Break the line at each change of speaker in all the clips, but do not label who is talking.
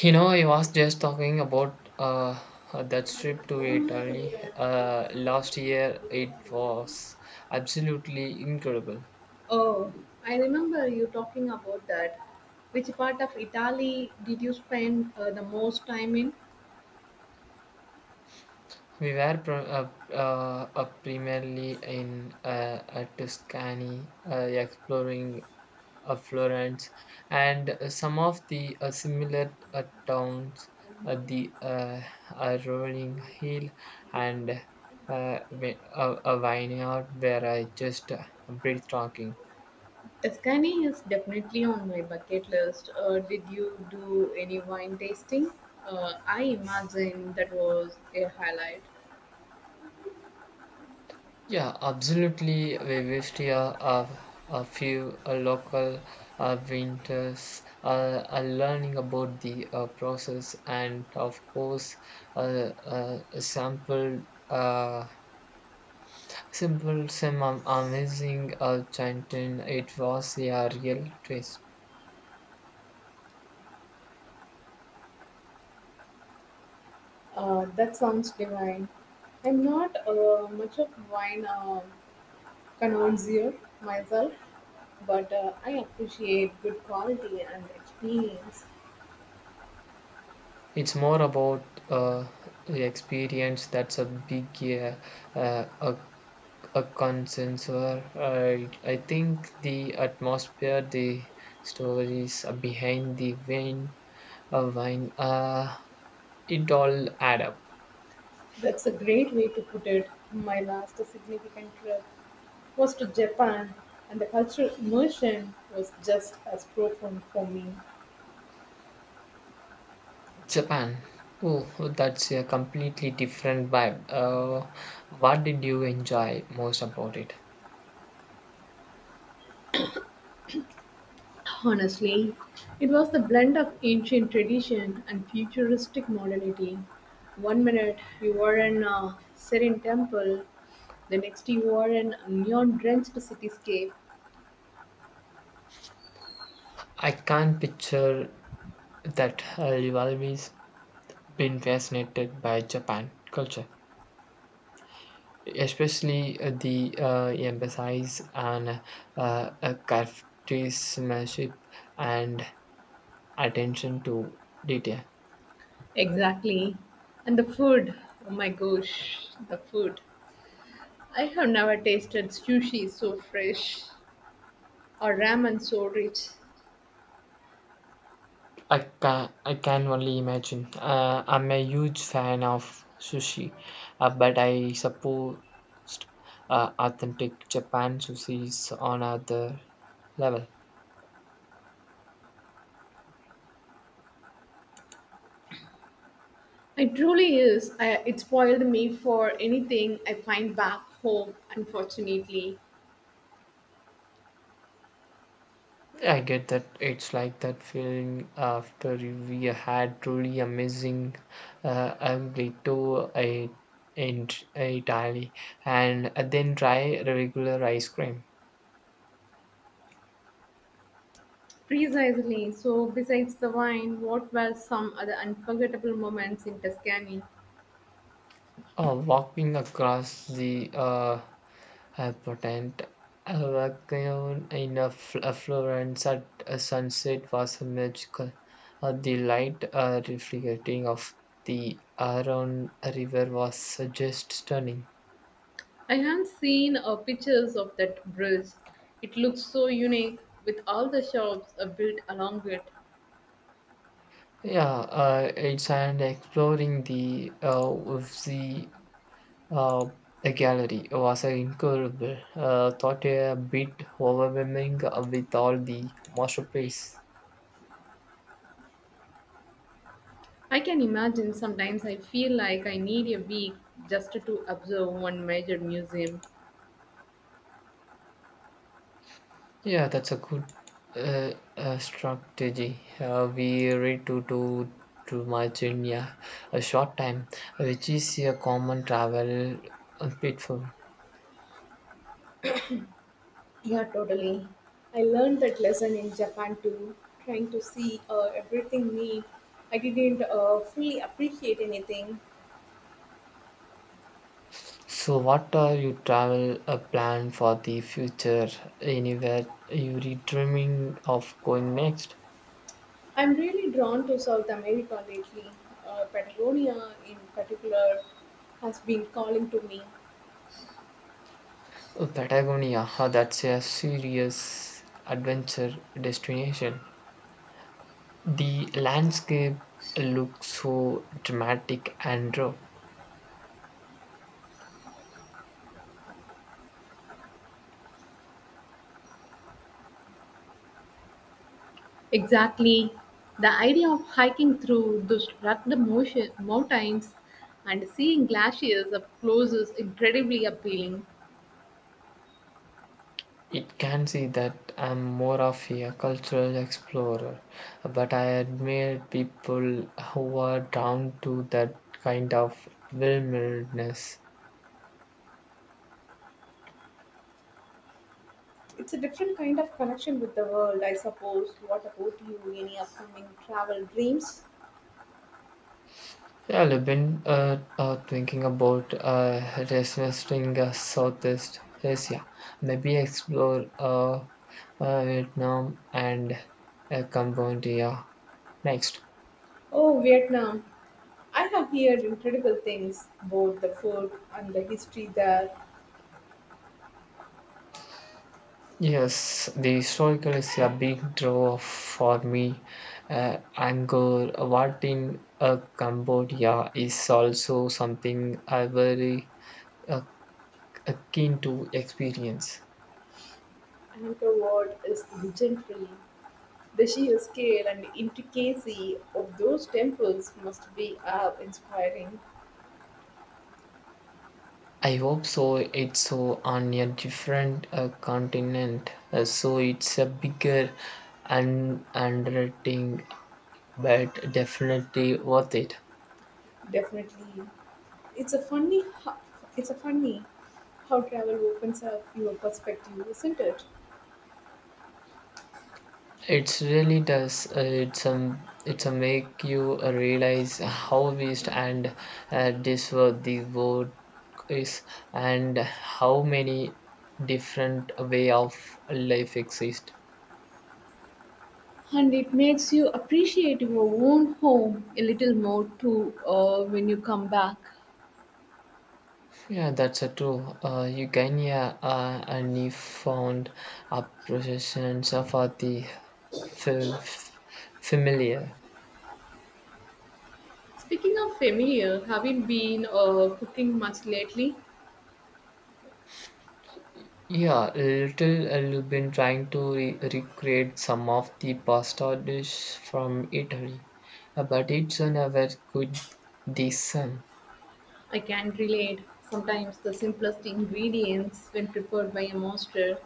I was just talking about that trip to Italy last year. It was absolutely incredible.
Oh, I remember you talking about that. Which part of Italy did you spend the most time in?
We were primarily in Tuscany, exploring Florence and some of the similar towns, the rolling hill and a vineyard where I just breathtaking.
Tuscany is definitely on my bucket list. Did you do any wine tasting? I imagine that was a highlight.
Yeah, absolutely. We wished here a, a few local winters are learning about the process and, of course, uh, sample. Uh, simple, some amazing chanting. It was a real twist.
That sounds divine. I'm not much of wine connoisseur myself, but I appreciate good quality and experience.
It's more about the experience that's a big uh, a a consensus. I think the atmosphere, the stories behind the wine, uh, wine, uh, it all add up.
That's a great way to put it. My last significant trip was to Japan, and the cultural immersion was just as profound for me.
Japan. Oh, that's a completely different vibe. What did you enjoy most about it?
Honestly, it was the blend of ancient tradition and futuristic modernity. One minute you are in a serene temple, the next you are in a neon drenched cityscape.
I can't picture that always been fascinated by Japan culture, especially the emphasis on craftsmanship and attention to detail.
Exactly. And the food, oh my gosh, the food. I have never tasted sushi so fresh, or ramen so rich.
I can only imagine. I'm a huge fan of sushi, but I suppose authentic Japan sushi is on other level.
It truly is. It spoiled me for anything I find back home, unfortunately.
I get that it's like that feeling after we had truly amazing ambrito in Italy and then try regular ice cream.
Precisely. So, besides the wine, what were some other unforgettable moments in Tuscany?
Oh, walking across the potent Avacon in a Florence at a sunset was a magical. The light reflecting of the Aron River was just stunning.
I have seen pictures of that bridge. It looks so unique with all the shops built along it.
Yeah, it's and exploring the of the uh, a gallery was an incredible. Thought a bit overwhelming with all the masterpiece.
I can imagine sometimes I feel like I need a week just to observe one major museum.
Yeah, that's a good strategy. We read to much in yeah, a short time, which is a common travel pitfall.
Really, I learned that lesson in Japan too, trying to see everything neat. I didn't fully appreciate anything.
So, what are your travel plan for the future? Anywhere you're dreaming of going next?
I'm really drawn to South America lately. Patagonia, in particular, has been calling to me.
Oh, Patagonia, huh, that's a serious adventure destination. The landscape looks so dramatic and raw.
Exactly. The idea of hiking through those mountains and seeing glaciers up close is incredibly appealing.
It can see that I'm more of a cultural explorer, but I admire people who are drawn to that kind of wilderness.
It's a different kind of connection with the world, I suppose. What about you? Any upcoming travel dreams?
Yeah, I've been thinking about revisiting Southeast Asia, maybe explore Vietnam and Cambodia next.
Oh, Vietnam. I have heard incredible things about the food and the history there.
Yes, the historical is a big draw for me. Angkor Wat in Cambodia is also something I very uh, keen to experience.
Angkor Wat is legendary. The sheer scale and intricacy of those temples must be awe inspiring.
I hope so. It's so on a different continent, so it's a bigger and undertaking, but definitely worth it.
Definitely. It's a funny ho- it's a funny how travel opens up your perspective, isn't it?
It really does. It's a make you realize how vast and this world the world is, and how many different way of life exist.
And it makes you appreciate your own home a little more too when you come back.
Yeah, that's a true. Eugenia and he found appreciations for the familiar.
Speaking of familiar, haven't been cooking much lately.
Yeah, little you've been trying to recreate some of the pasta dish from Italy, but it's never good the same.
I can relate. Sometimes the simplest ingredients, when prepared by a master,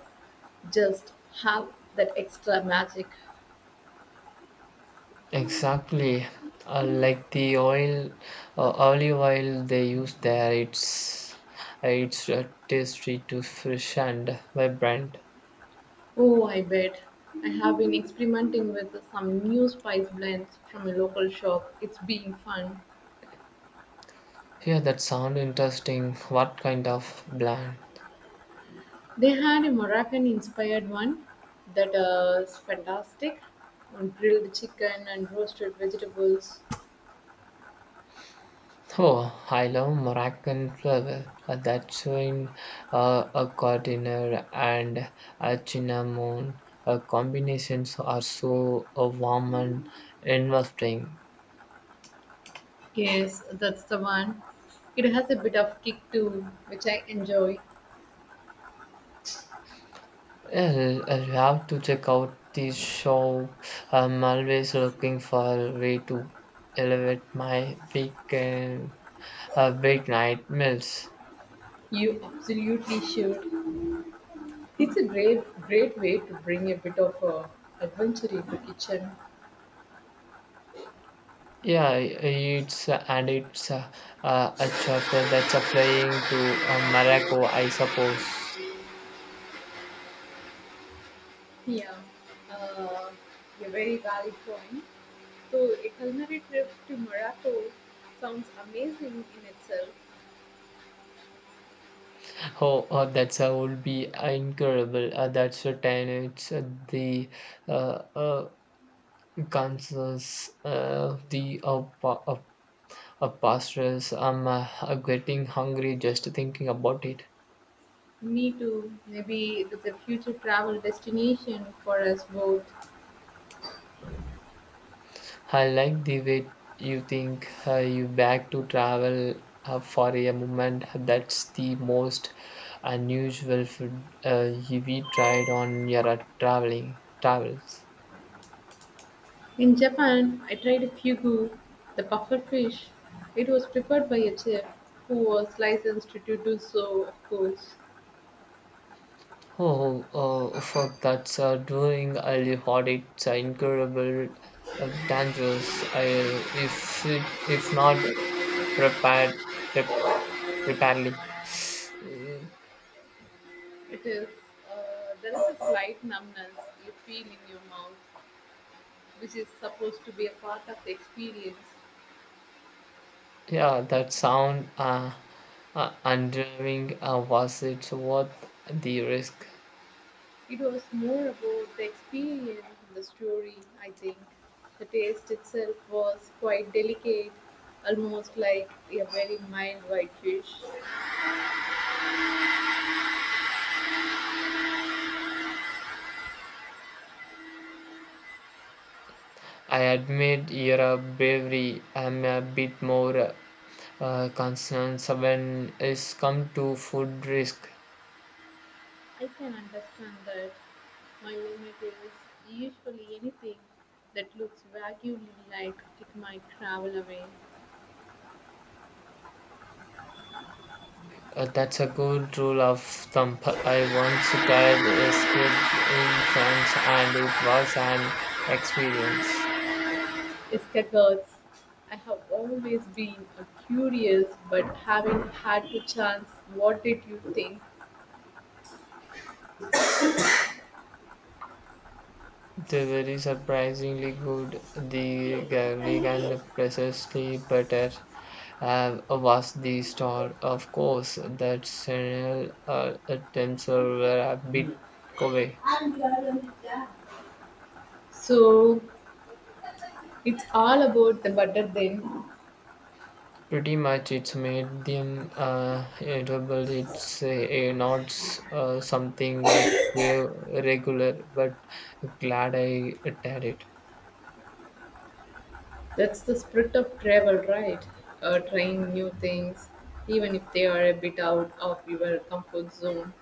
just have that extra magic.
Exactly, like the oil, olive oil they use there, it's tasty to fresh and vibrant.
Oh, I bet. I have been experimenting with some new spice blends from a local shop. It's been fun.
Yeah, that sound interesting. What kind of blend?
They had a Moroccan inspired one that is fantastic on grilled chicken and roasted vegetables.
Oh, I love Moroccan flavor. That showing a cardinal and a cinnamon combinations are so warm and interesting.
Yes, that's the one. It has a bit of kick too, which I enjoy.
Yeah, I have to check out this shop. I'm always looking for a way to elevate my weekend, big night meals.
You absolutely should. It's a great, great way to bring a bit of adventure into kitchen.
Yeah, it's and it's a chopper that's flying to Morocco, I suppose.
Yeah, uh, a very valid point. So a culinary trip to Morocco sounds amazing in itself.
Oh, that's would be incredible. That's a ten. It's the uh, uh, concerns, the pastors. I'm getting hungry just thinking about it.
Me too. Maybe it's a future travel destination for us both.
I like the way you think you back to travel for a moment. That's the most unusual food we tried on your traveling travels.
In Japan, I tried a fugu, the puffer fish. It was prepared by a chef who was licensed to do so, of course.
Oh, for that's during early hot. It's incredible, dangerous. If it, if not prepared prep, preparedly.
It is, there is a slight numbness you feel in your mouth, which is supposed to be a part of the experience.
Yeah, that sound unnerving, was it worth the risk?
It was more about the experience and the story, I think. The taste itself was quite delicate, almost like a very mild white fish.
I admit your bravery. I'm a bit more concerned when it's come to food risk.
I can understand that my limit is usually anything that looks vaguely like it might travel away.
That's a good rule of thumb. I once tried escape in France and it was an experience.
Escargots. I have always been curious, but haven't had the chance. What did you think?
They were surprisingly good. The garlic and precisely butter was the star. Of course, that Chanel attempts were a bit covey.
So it's all about the butter then.
Pretty much, it's made them edible. It's not something I crave regular, but glad I tried it.
That's the spirit of travel, right? Trying new things, even if they are a bit out of your comfort zone.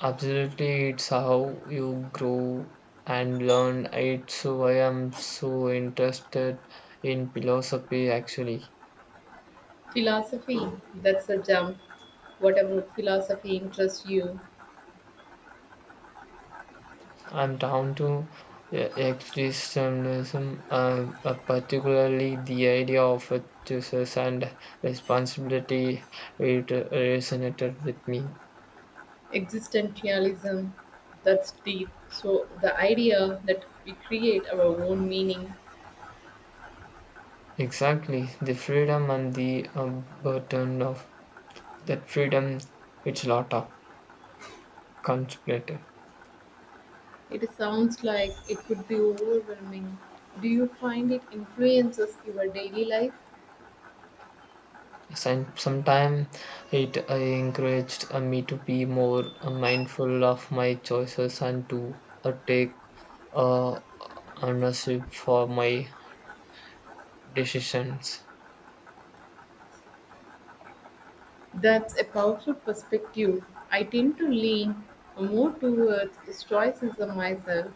Absolutely, it's how you grow and learn. It's why I'm so interested in philosophy. Actually,
Philosophy, that's a jump. Whatever philosophy interests you,
I'm down to existentialism, particularly the idea of a choices and responsibility. It resonated with me.
existentialism, that's deep. So the idea that we create our own meaning.
Exactly, the freedom and the burden of that freedom. It's a lot of contemplated.
It sounds like it could be overwhelming. Do you find it influences your daily life?
Sometime it encouraged me to be more mindful of my choices and to take uh, ownership for my decisions.
That's a powerful perspective. I tend to lean more towards stoicism myself.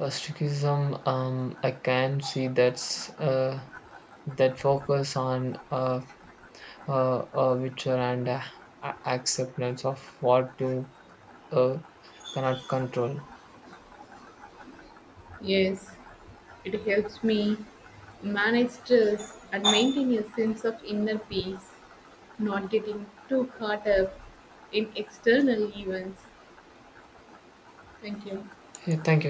Astigmatism, I can see that's that focus on witcher and acceptance of what you uh, cannot control.
Yes, it helps me manage stress and maintain a sense of inner peace, not getting too caught up in external events. Thank you.
Yeah, thank you.